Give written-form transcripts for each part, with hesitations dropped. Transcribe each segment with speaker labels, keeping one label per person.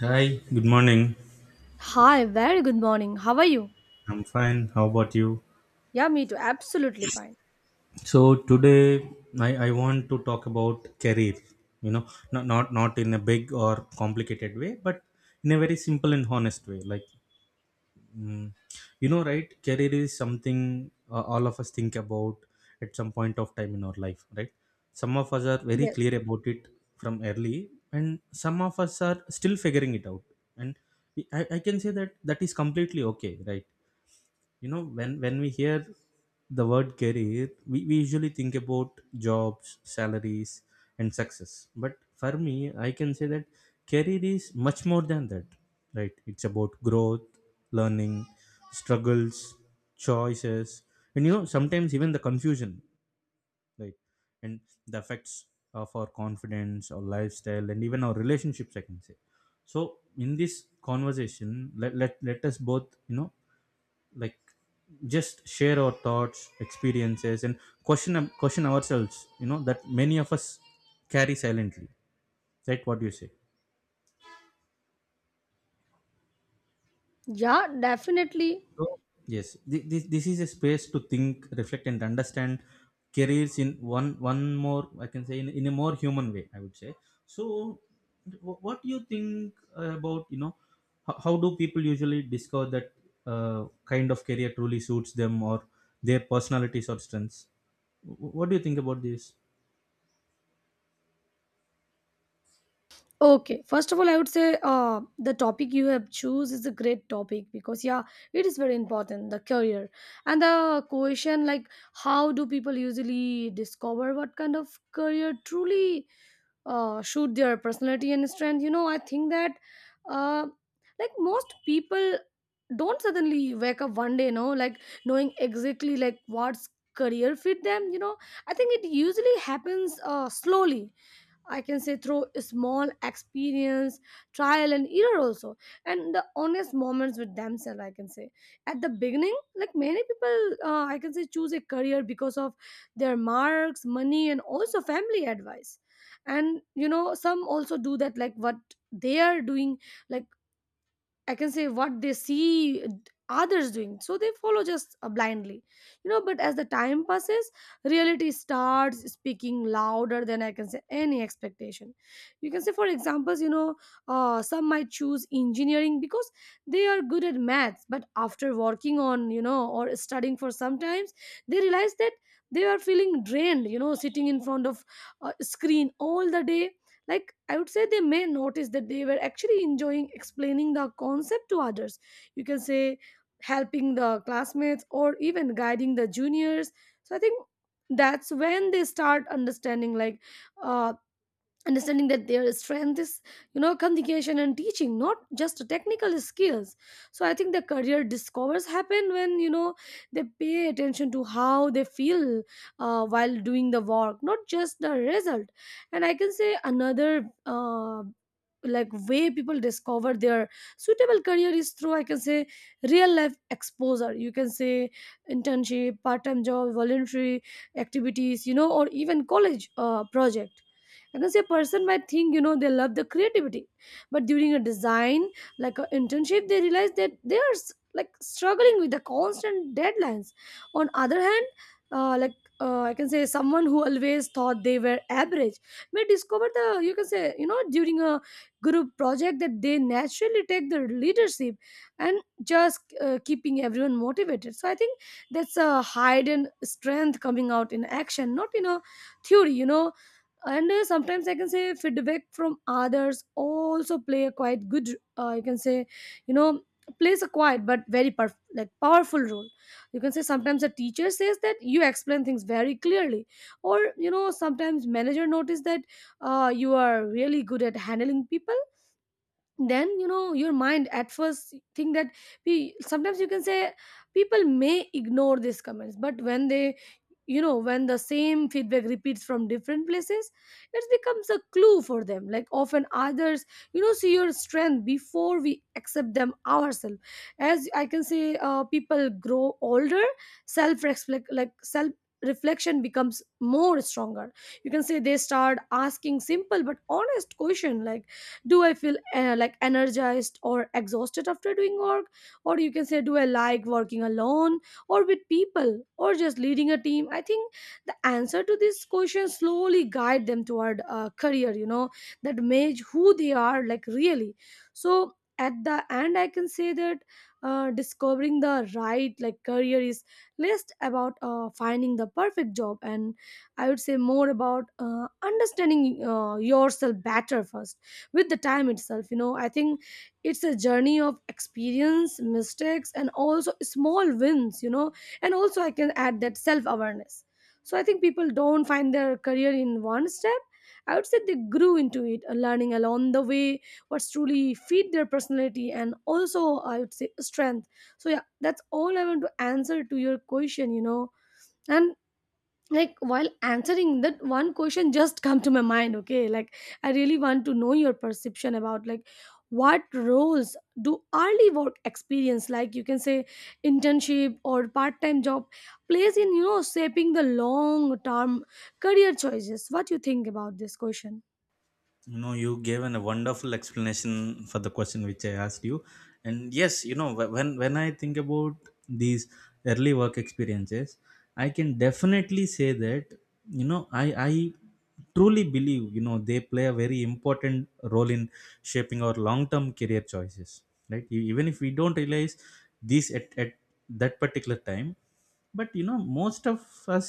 Speaker 1: Hi, good morning.
Speaker 2: Hi, very good morning. How are you?
Speaker 1: I'm fine. How about you?
Speaker 2: Yeah, me too. Absolutely fine.
Speaker 1: So today I want to talk about career, you know, not in a big or complicated way, but in a very simple and honest way. Mm, right? Career is something all of us think about at some point of time in our life, right? Some of us are very
Speaker 2: Yes.
Speaker 1: clear about it from early, and some of us are still figuring it out. And I can say that that is completely okay, right? You know when we hear the word career we usually think about jobs, salaries, and success, but for me I can say that career is much more than that. Right, it's about growth, learning, struggles, choices, and you know sometimes even the confusion, right? And the effects of our confidence, our lifestyle, and even our relationships, I can say. So in this conversation, let us both, you know, like just share our thoughts, experiences, and question ourselves, you know, that many of us carry silently, right? What do you say?
Speaker 2: Yeah, definitely.
Speaker 1: So yes, this is a space to think, reflect, and understand careers in one more, I can say, in a more human way, I would say. So what do you think about, you know, how do people usually discover that kind of career truly suits them, or their personalities or strengths? What do you think about this?
Speaker 2: Okay. First of all, I would say the topic you have choose is a great topic because yeah, it is very important the career and the question like how do people usually discover what kind of career truly shoot their personality and strength. I think that uh, like most people don't suddenly wake up one day, like knowing exactly like what's career fit them. I think it usually happens slowly I can say through small experience, trial and error also, and the honest moments with themselves. I can say at the beginning, like many people, I can say choose a career because of their marks, money, and also family advice. And some also do that like what they are doing, like I can say what they see others doing. So they follow just blindly. But as the time passes, reality starts speaking louder than I can say any expectation. You can say, for examples, some might choose engineering because they are good at maths, but after working on, or studying for some times, they realize that they are feeling drained, sitting in front of a screen all the day, like I would say they may notice that they were actually enjoying explaining the concept to others. You can say helping the classmates or even guiding the juniors. So I think that's when they start understanding like uh, understanding that their strength is, communication and teaching, not just technical skills. So I think the career discovers happen when they pay attention to how they feel while doing the work, not just the result. And I can say another, like, way people discover their suitable career is through, I can say, real life exposure. You can say internship, part-time job, voluntary activities, or even college project. I can say a person might think, they love the creativity, but during a design, like an internship, they realize that they are like struggling with the constant deadlines. On other hand, like, I can say someone who always thought they were average may discover, the you can say, during a group project, that they naturally take the leadership and just keeping everyone motivated. So I think that's a hidden strength coming out in action, not in a theory. And sometimes, I can say, feedback from others also play a quite good, you can say, you know plays a quiet but very like powerful role. You can say sometimes a teacher says that you explain things very clearly, or sometimes manager notice that you are really good at handling people. Then your mind at first think that we sometimes, you can say, people may ignore these comments, but when they, when the same feedback repeats from different places, it becomes a clue for them, like often others, see your strength before we accept them ourselves. As I can say, people grow older, self reflect, like self reflection becomes more stronger. You can say they start asking simple but honest question like, do I feel like energized or exhausted after doing work, or you can say, do I like working alone or with people or just leading a team. I think the answer to this question slowly guide them toward a career, that match who they are, like really. So at the end I can say that discovering the right, like, career is less about finding the perfect job, and I would say more about understanding yourself better first. With the time itself, I think it's a journey of experience, mistakes, and also small wins, and also I can add that self awareness. So I think people don't find their career in one step, I would say they grew into it, learning along the way what's truly feed their personality, and also, I would say, strength. So yeah, that's all I want to answer to your question. And like while answering that one question, just come to my mind, okay, like, I really want to know your perception about, like, what roles do early work experience, like, you can say, internship or part-time job, plays in, shaping the long-term career choices. What you think about this question?
Speaker 1: No, you gave an, a wonderful explanation for the question which I asked you. And yes, you know, when I think about these early work experiences, I can definitely say that, you know, I truly believe, you know, they play a very important role in shaping our long term career choices, right? Even if we don't realize this at that particular time, but you know most of us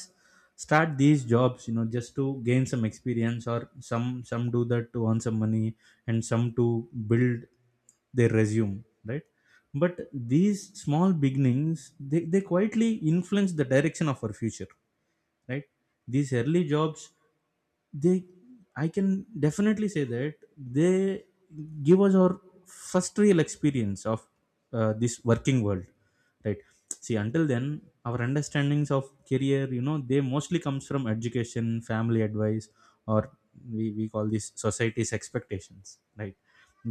Speaker 1: start these jobs, you know, just to gain some experience, or some do that to earn some money, and some to build their resume, right? But these small beginnings, they quietly influence the direction of our future, right? These early jobs, they, I can definitely say that, they give us our first real experience of this working world, right? See, until then, our understandings of career, you know, they mostly comes from education, family advice, or we call these society's expectations, right?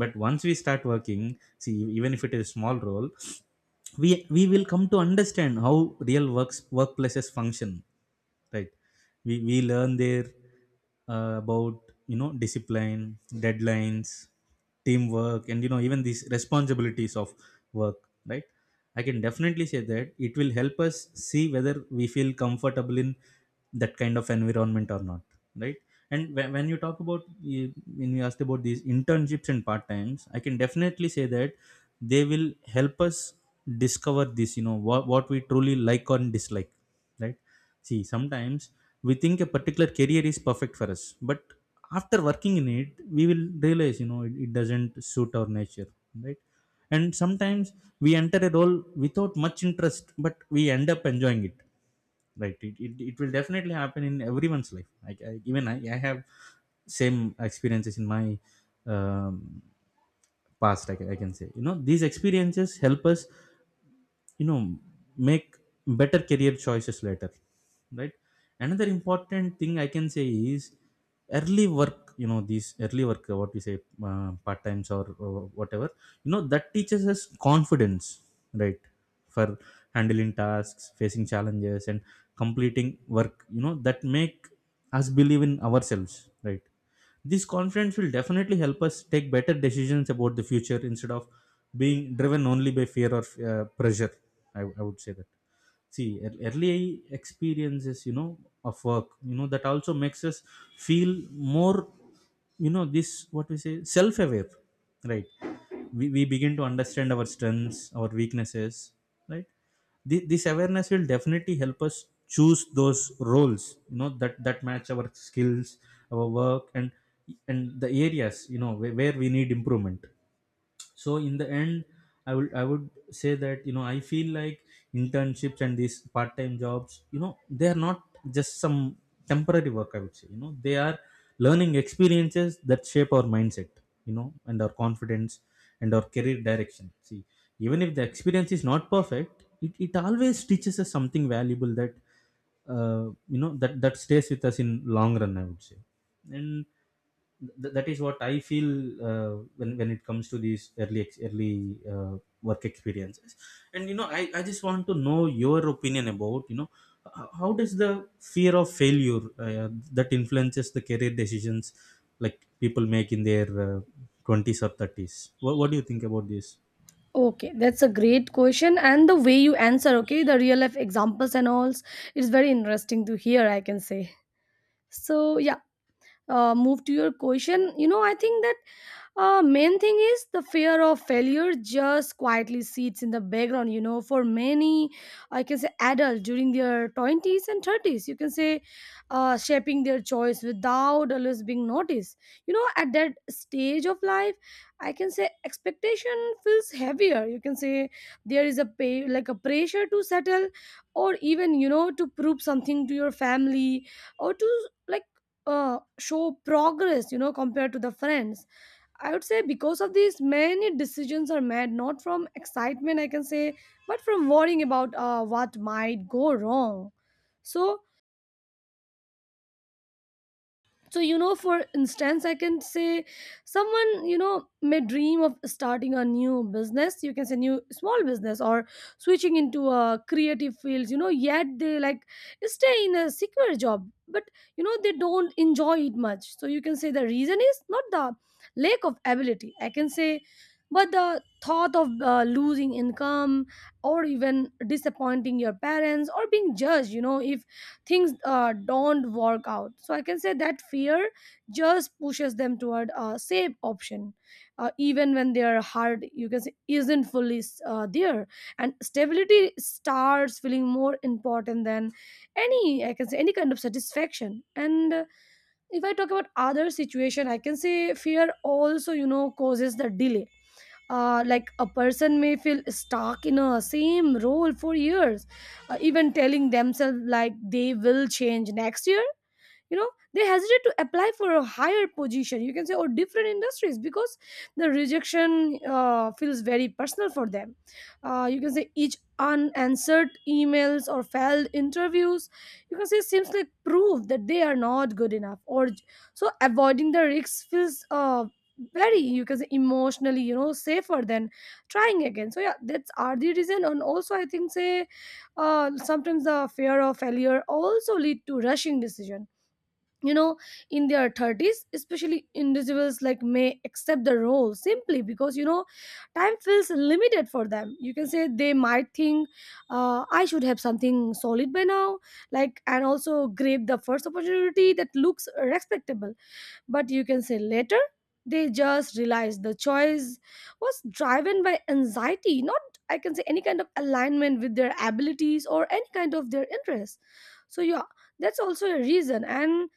Speaker 1: But once we start working, see, even if it is a small role, we we will come to understand how real works workplaces function, right? We learn there about, you know, discipline, deadlines, teamwork, and you know even these responsibilities of work, right? I can definitely say that it will help us see whether we feel comfortable in that kind of environment or not, right? And when you talk about you- when you asked about these internships and part times, I can definitely say that they will help us discover this. You know what we truly like or dislike, right? See, sometimes we think a particular career is perfect for us, but after working in it, we will realize you know it, it doesn't suit our nature, right? And sometimes we enter a role without much interest, but we end up enjoying it, right? It will definitely happen in everyone's life. Like I, even I have same experiences in my um, past. I can say, you know, these experiences help us, you know, make better career choices later, right? Another important thing I can say is, early work, you know, these early work, what we say, part times or whatever, you know, that teaches us confidence, right? For handling tasks, facing challenges, and completing work, you know, that make us believe in ourselves, right? This confidence will definitely help us take better decisions about the future instead of being driven only by fear or pressure. I would say that, see, early experiences, you know, of work, you know, that also makes us feel more, you know, this what we say, self aware, right? We begin to understand our strengths, our weaknesses, right? This awareness will definitely help us choose those roles, you know, that match our skills, our work, and the areas, you know, where we need improvement. So in the end, I would say that, you know, I feel like internships and these part-time jobs, you know, they are not just some temporary work, I would say, you know, they are learning experiences that shape our mindset, you know, and our confidence, and our career direction. See, even if the experience is not perfect, it always teaches us something valuable that uh, you know that stays with us in long run, I would say. And that is what I feel when it comes to these early work experiences. And you know, I just want to know your opinion about, you know, how does the fear of failure that influences the career decisions like people make in their twenties or thirties. What do you think about this?
Speaker 2: Okay, that's a great question, and the way you answer, okay, the real life examples and all, it's very interesting to hear, I can say. So yeah, move to your question, I think that main thing is the fear of failure just quietly sits in the background for many, I can say, adults during their 20s and 30s, you can say, shaping their choice without always being noticed. At that stage of life, I can say, expectation feels heavier, you can say, there is a pay, like a pressure to settle, or even, to prove something to your family, or to, like, show progress compared to the friends. I would say because of these, many decisions are made not from excitement, I can say, but from worrying about what might go wrong. So. So, for instance, I can say someone may dream of starting a new business. You can say new small business, or switching into a creative fields, yet they, like, stay in a secure job, but, they don't enjoy it much. So you can say the reason is not the lack of ability, I can say, but the thought of losing income, or even disappointing your parents, or being judged, if things don't work out. So I can say that fear just pushes them toward a safe option, even when their heart, you can say, isn't fully there, and stability starts feeling more important than any, I can say, any kind of satisfaction. And if I talk about other situation, I can say fear also, causes the delay. Like, a person may feel stuck in a same role for years, even telling themselves, like, they will change next year you know they hesitate to apply for a higher position, you can say, or different industries, because the rejection feels very personal for them. You can say each unanswered emails or failed interviews, you can say, seems like proof that they are not good enough, or so avoiding the risks feels, very, you can say, emotionally, safer than trying again. So yeah, that's are the reason. And also I think, say, sometimes the fear of failure also lead to rushing decision you know in their 30s especially, individuals like may accept the role simply because, time feels limited for them. You can say they might think, I should have something solid by now, like, and also grab the first opportunity that looks respectable, but, you can say, later they just realize the choice was driven by anxiety, not, I can say, any kind of alignment with their abilities or any kind of their interests. So yeah, that's also a reason. And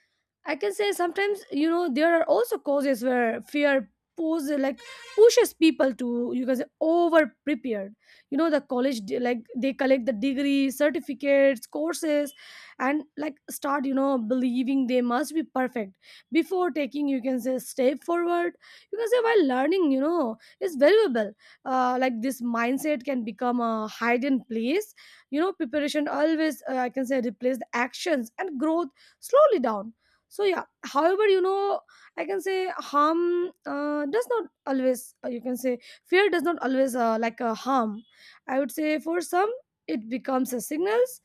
Speaker 2: I can say sometimes, there are also causes where fear pose, like, pushes people to, you can say, over prepared. The college like they collect the degree, certificates, courses, and, like, start, believing they must be perfect before taking, you can say, step forward. You can say while learning, is valuable. Like, this mindset can become a hidden place. Preparation always, I can say, replace the actions and growth, slowly down. So yeah, however, I can say harm does not always, you can say fear does not always, like, a harm. I would say for some, it becomes a signals.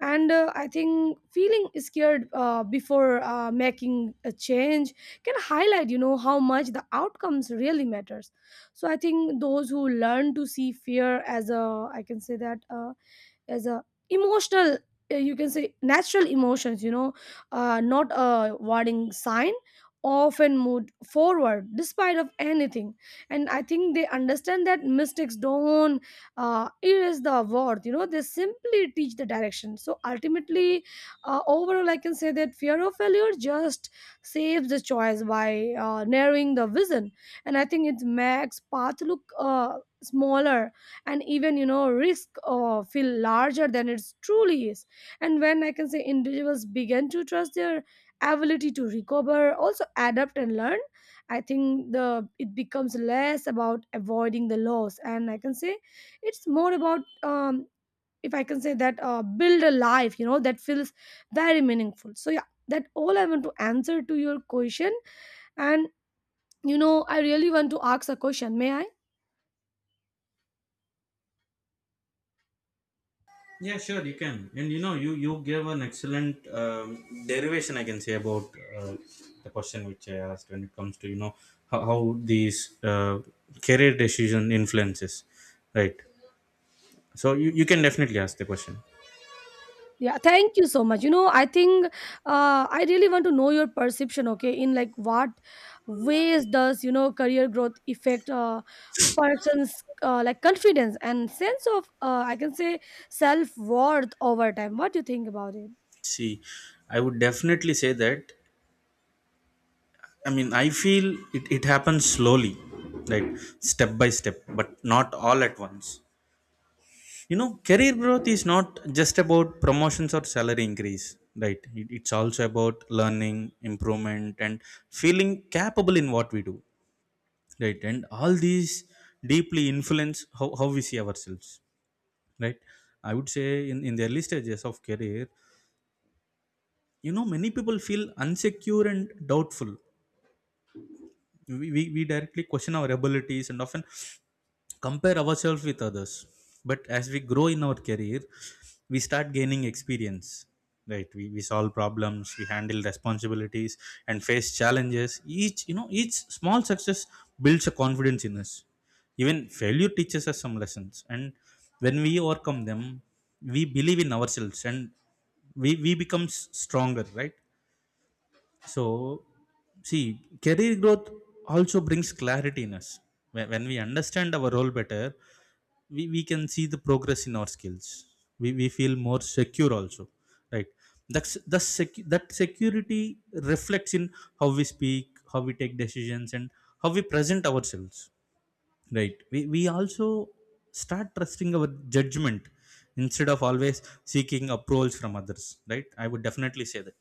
Speaker 2: And I think feeling scared before making a change can highlight, you know, how much the outcomes really matters. So I think those who learn to see fear as a, I can say that, as a emotional, you can say, natural emotions, you know, not a warning sign, often moved forward despite of anything. And I think they understand that mistakes don't erase the worth, you know, they simply teach the direction. So ultimately, overall, I can say that fear of failure just saves the choice by narrowing the vision. And I think it makes path look smaller and even, you know, risk feel larger than it truly is. And when, I can say, individuals begin to trust their ability to recover, also adapt and learn, I think the it becomes less about avoiding the loss, and I can say it's more about, um, if I can say that, build a life, you know, that feels very meaningful. So yeah, that all I want to answer to your question. And, you know, I really want to ask a question, may I?
Speaker 1: Yeah, sure, you can. And you know, you gave an excellent derivation, I can say, about the question which I asked when it comes to, you know, how these career decision influences, right? So you can definitely ask the question.
Speaker 2: Yeah, thank you so much. You know, I think I really want to know your perception, okay, in like what ways does, you know, career growth affect a person's like confidence and sense of, I can say, self-worth over time? What do you think about it?
Speaker 1: See, I would definitely say that. I mean, I feel it happens slowly, right, step by step, but not all at once. You know, career growth is not just about promotions or salary increase, right? It's also about learning, improvement, and feeling capable in what we do, right? And all these deeply influence how we see ourselves, right? I would say in the early stages of career, you know, many people feel insecure and doubtful. We directly question our abilities and often compare ourselves with others. But as we grow in our career, we start gaining experience, right? We solve problems, we handle responsibilities, and face challenges. Each, you know, each small success builds a confidence in us. Even failure teaches us some lessons, and when we overcome them, we believe in ourselves, and we become stronger, right? So, see, career growth also brings clarity in us. When we understand our role better, we can see the progress in our skills. We feel more secure also, right? That security reflects in how we speak, how we take decisions, and how we present ourselves. Right. We also start trusting our judgment instead of always seeking approvals from others. Right. I would definitely say that.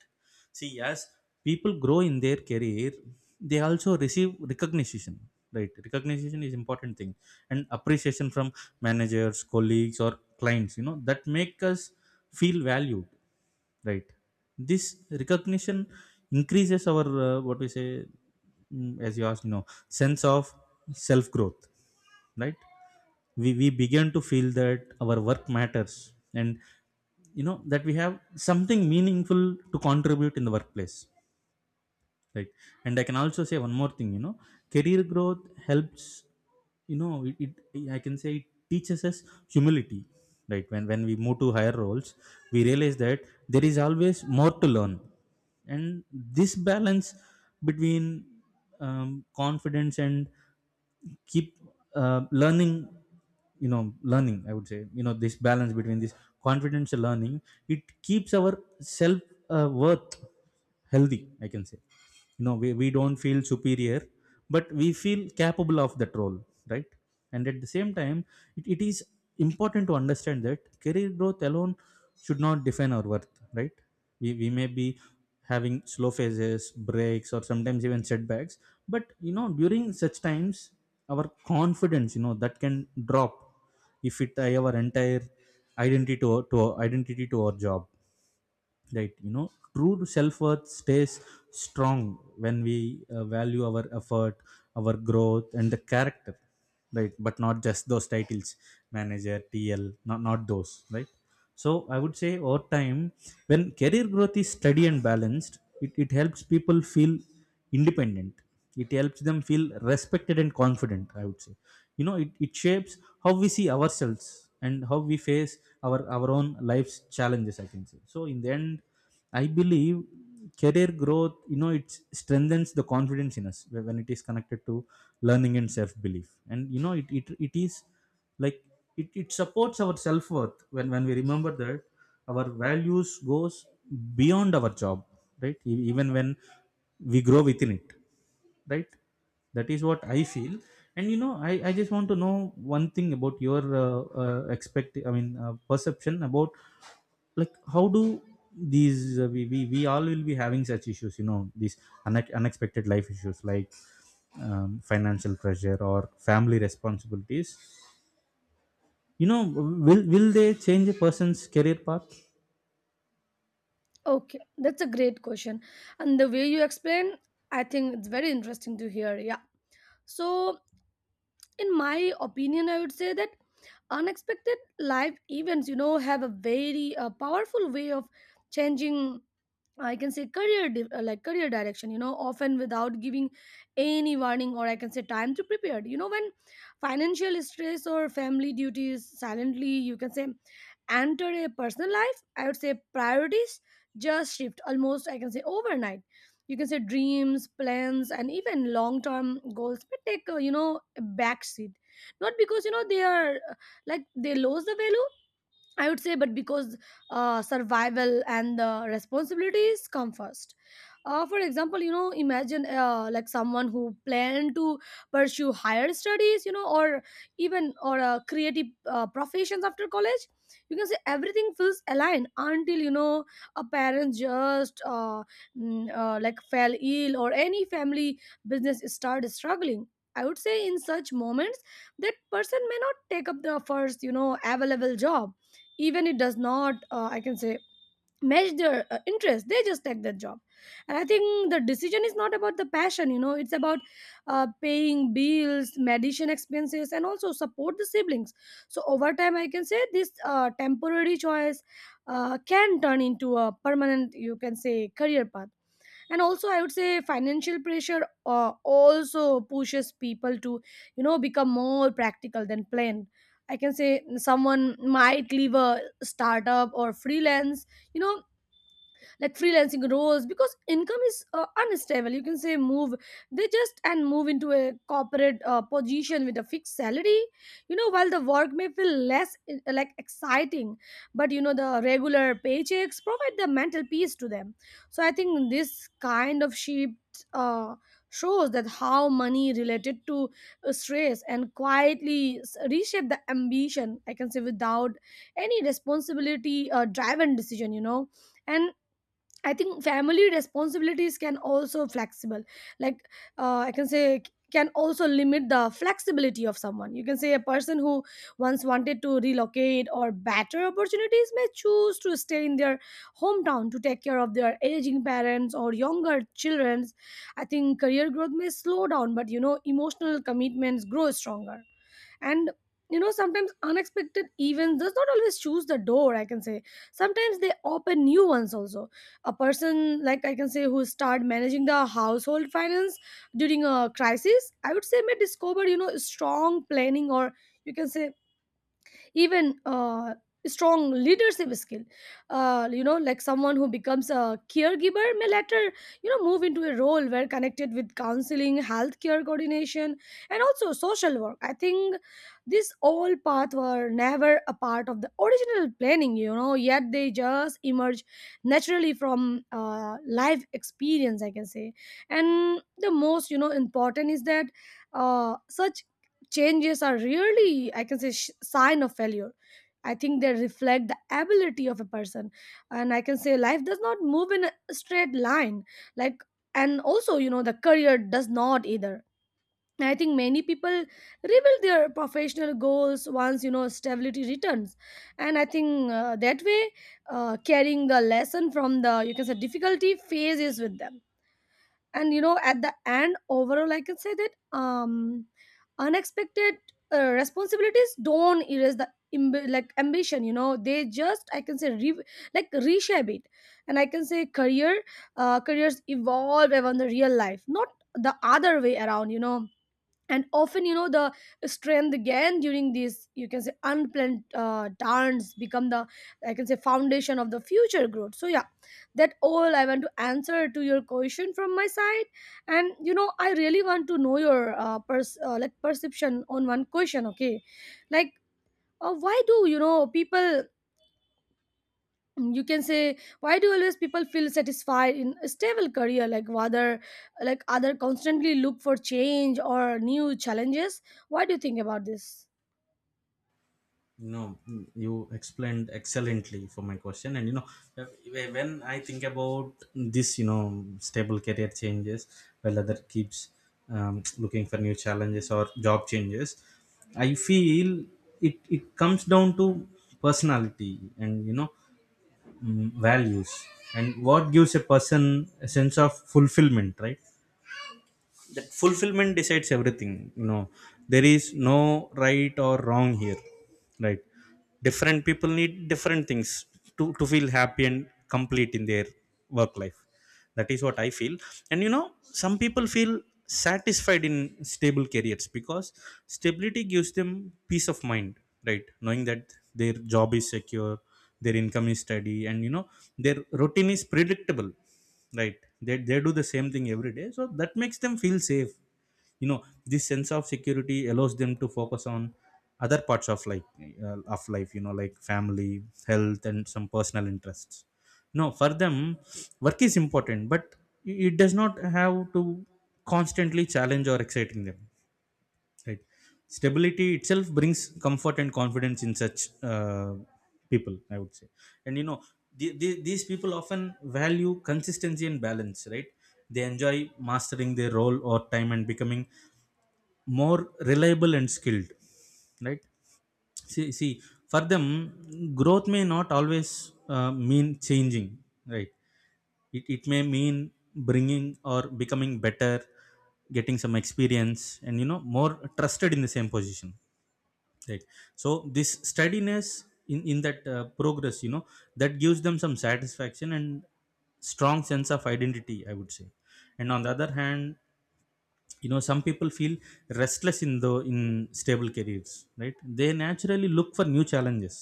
Speaker 1: See, as people grow in their career, they also receive recognition. Right. Recognition is important thing, and appreciation from managers, colleagues or clients, you know, that make us feel valued. Right. This recognition increases our, what we say, mm, as you asked, you know, sense of self growth, right? We begin to feel that our work matters, and you know that we have something meaningful to contribute in the workplace, right? And I can also say one more thing, you know, career growth helps, you know, it I can say it teaches us humility, right? When we move to higher roles, we realize that there is always more to learn. And this balance between confidence and keep learning, you know, learning, I would say, you know, this balance between this confidential learning, it keeps our self worth healthy, I can say. You know, we don't feel superior, but we feel capable of that role, right? And at the same time, it is important to understand that career growth alone should not define our worth, right? We may be having slow phases, breaks, or sometimes even setbacks, but you know during such times our confidence, you know, that can drop if it our entire identity to, to our identity to our job, right? You know, true self-worth stays strong when we value our effort, our growth and the character, right? But not just those titles, manager tl, not those, right? So I would say over time when career growth is steady and balanced, it helps people feel independent. It helps them feel respected and confident, I would say. You know, it shapes how we see ourselves and how we face our own life's challenges, I can say. So, in the end, I believe career growth, you know, it strengthens the confidence in us when it is connected to learning and self belief. And, you know, it is like it supports our self-worth when we remember that our values goes beyond our job, right? Even when we grow within it, right? That is what I feel. And you know, I just want to know one thing about your expect I mean perception about like how do these we all will be having such issues, you know, these unexpected life issues like, financial pressure or family responsibilities, you know, will they change a person's career path?
Speaker 2: Okay, that's a great question. And the way you explain, I think it's very interesting to hear. Yeah. So, in my opinion, I would say that unexpected life events, you know, have a very powerful way of changing, I can say, career like career direction, you know, often without giving any warning or, I can say, time to prepare. You know, when financial stress or family duties silently, you can say, enter a personal life, I would say priorities just shift almost, I can say, overnight. You can say dreams, plans and even long term goals may take, you know, a back seat, not because, you know, they are like they lose the value, I would say, but because survival and the responsibilities come first. For example, you know, imagine like someone who plan to pursue higher studies, you know, or creative professions after college. You can say everything feels aligned until, you know, a parent just like fell ill, or any family business started struggling. I would say in such moments that person may not take up the first, you know, available job, even it does not, I can say, match their interest. They just take that job. And I think the decision is not about the passion, you know, it's about paying bills, medicine expenses and also support the siblings. So over time, I can say this temporary choice can turn into a permanent, you can say, career path. And also, I would say financial pressure also pushes people to, you know, become more practical than planned. I can say someone might leave a startup or freelance, you know freelancing roles because income is unstable, you can say. Move they just and move into a corporate position with a fixed salary. You know, while the work may feel less like exciting, but you know, the regular paychecks provide the mental peace to them. So I think this kind of shift shows that how money related to stress and quietly reshape the ambition, I can say, without any responsibility driven decision, you know. And I think family responsibilities can also flexible. Like, I can say, can also limit the flexibility of someone. You can say a person who once wanted to relocate or better opportunities may choose to stay in their hometown to take care of their aging parents or younger children. I think career growth may slow down, but you know emotional commitments grow stronger. And you know, sometimes unexpected events does not always choose the door, I can say sometimes they open new ones also. A person, like I can say, who start managing the household finance during a crisis, I would say, may discover, you know, strong planning or, you can say, even strong leadership skill. You know, like someone who becomes a caregiver may later, you know, move into a role where connected with counseling, healthcare coordination and also social work. I think this all path were never a part of the original planning, you know, yet they just emerge naturally from life experience, I can say. And the most, you know, important is that such changes are really, I can say, sign of failure. I think they reflect the ability of a person. And I can say life does not move in a straight line, like, and also, you know, the career does not either. I think many people rebuild their professional goals once, you know, stability returns. And I think that way, carrying the lesson from the, you can say, difficulty phases with them. And you know, at the end, overall, I can say that, um unexpected responsibilities don't erase the like ambition, you know, they just, I can say, like reshape it. And I can say careers evolve around the real life, not the other way around, you know. And often, you know, the strength gained during these, you can say, unplanned turns become the, I can say, foundation of the future growth. So yeah, that all I want to answer to your question from my side. And you know, I really want to know your like perception on one question, okay? Like why do, you know, people, you can say, why do always people feel satisfied in a stable career, like, rather like other constantly look for change or new challenges? What do you think about this?
Speaker 1: No, you explained excellently for my question. And you know, when I think about this, you know, stable career changes while other keeps, looking for new challenges or job changes, I feel it comes down to personality, and you know, values, and what gives a person a sense of fulfillment, right? That fulfillment decides everything. You know, there is no right or wrong here, right? Different people need different things to feel happy and complete in their work life. That is what I feel. And you know, some people feel satisfied in stable careers because stability gives them peace of mind, right? Knowing that their job is secure, their income is steady, and you know, their routine is predictable, right? They do the same thing every day, so that makes them feel safe. You know, this sense of security allows them to focus on other parts of like, of life, you know, like family, health, and some personal interests. No, for them work is important, but it does not have to constantly challenge or exciting them. Right. Stability itself brings comfort and confidence in such people, I would say. And you know, these people often value consistency and balance, right? They enjoy mastering their role or time and becoming more reliable and skilled, right? See, for them, growth may not always mean changing, right? It may mean bringing or becoming better, getting some experience, and you know, more trusted in the same position, right? So this steadiness in that progress, you know, that gives them some satisfaction and strong sense of identity, I would say. And on the other hand, you know, some people feel restless in the in stable careers, right? They naturally look for new challenges,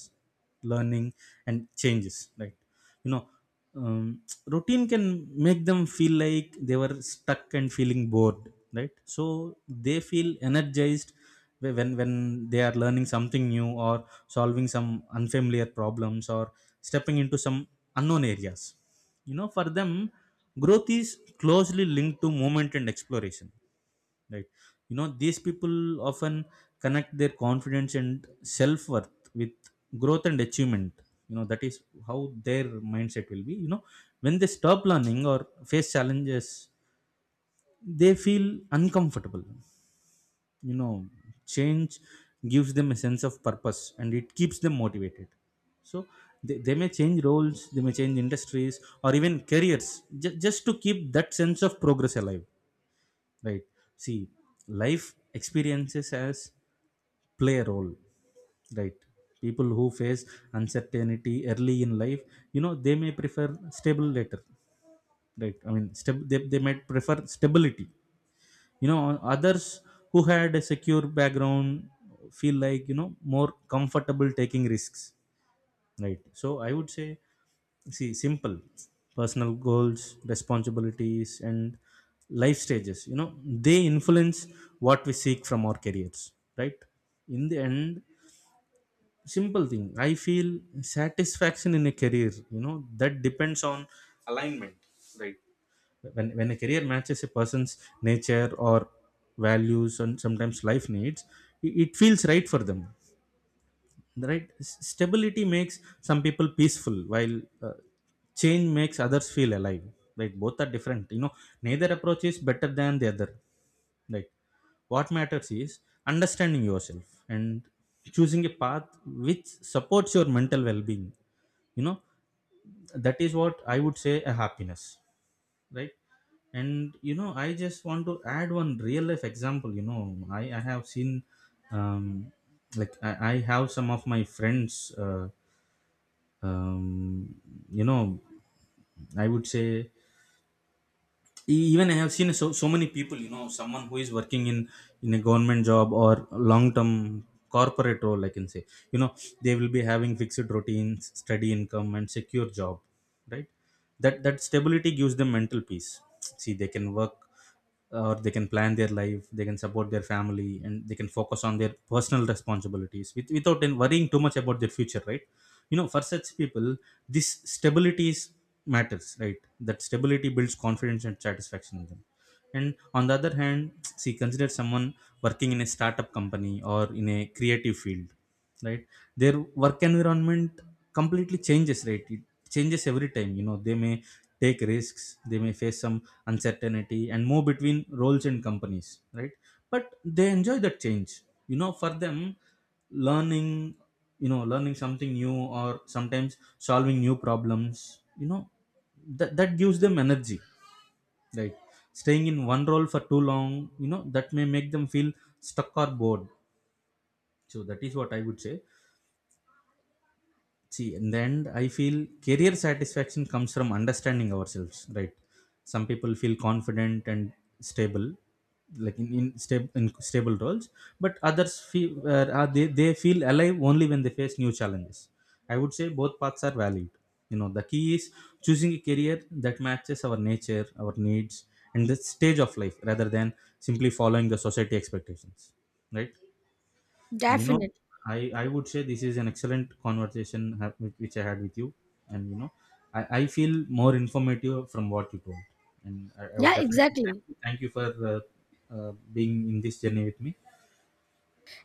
Speaker 1: learning, and changes, right? You know, um, routine can make them feel like they were stuck and feeling bored, right? So they feel energized when they are learning something new, or solving some unfamiliar problems, or stepping into some unknown areas. You know, for them growth is closely linked to movement and exploration. Right. You know, these people often connect their confidence and self worth with growth and achievement. You know, that is how their mindset will be. You know, when they stop learning or face challenges, they feel uncomfortable. You know, change gives them a sense of purpose and it keeps them motivated. So they may change roles, they may change industries, or even careers just to keep that sense of progress alive, right? See, life experiences as play a role, right? People who face uncertainty early in life, you know, they may prefer stable later, right? I mean, they might prefer stability. You know, others who had a secure background feel like, you know, more comfortable taking risks, right? So I would say, see, simple, personal goals, responsibilities, and life stages, you know, they influence what we seek from our careers, right? In the end, simple thing, I feel satisfaction in a career, you know, that depends on alignment, right? When a career matches a person's nature, or values, and sometimes life needs, it feels right for them, right? Stability makes some people peaceful, while change makes others feel alive, right? Both are different, you know, neither approach is better than the other, right? What matters is understanding yourself and choosing a path which supports your mental well-being, you know. That is what I would say, a happiness, right? And you know, I just want to add one real life example. You know, I have seen, um like I have some of my friends, um, you know, I would say, even I have seen so many people, you know, someone who is working in a government job or long term corporate role, I can say. You know, they will be having fixed routines, steady income, and secure job, right? That stability gives them mental peace. See, they can work, or they can plan their life, they can support their family, and they can focus on their personal responsibilities without then worrying too much about their future, right? You know, for such people, this stability is- matters, right? That stability builds confidence and satisfaction in them. And on the other hand, see, consider someone working in a startup company or in a creative field, right? Their work environment completely changes, right? It changes every time. You know, they may take risks, they may face some uncertainty, and move between roles and companies, right? But they enjoy that change. You know, for them, learning, you know, learning something new, or sometimes solving new problems, you know, that gives them energy, right? Staying in one role for too long, you know, that may make them feel stuck or bored. So that is what I would say. See, in the end, I feel career satisfaction comes from understanding ourselves, right? Some people feel confident and stable, like in stable roles, but others feel they feel alive only when they face new challenges. I would say both paths are valid. You know, the key is choosing a career that matches our nature, our needs, and the stage of life, rather than simply following the society expectations, right? And you know,
Speaker 2: Definite.
Speaker 1: I would say this is an excellent conversation which I had with you. And you know, I feel more informative from what you told. And I would
Speaker 2: Yeah,
Speaker 1: definitely
Speaker 2: exactly.
Speaker 1: thank you for uh, being in this journey with me.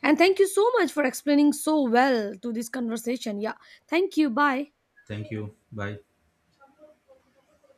Speaker 2: And thank you so much for explaining so well to this conversation. Yeah, thank you, bye.
Speaker 1: Thank you. Bye.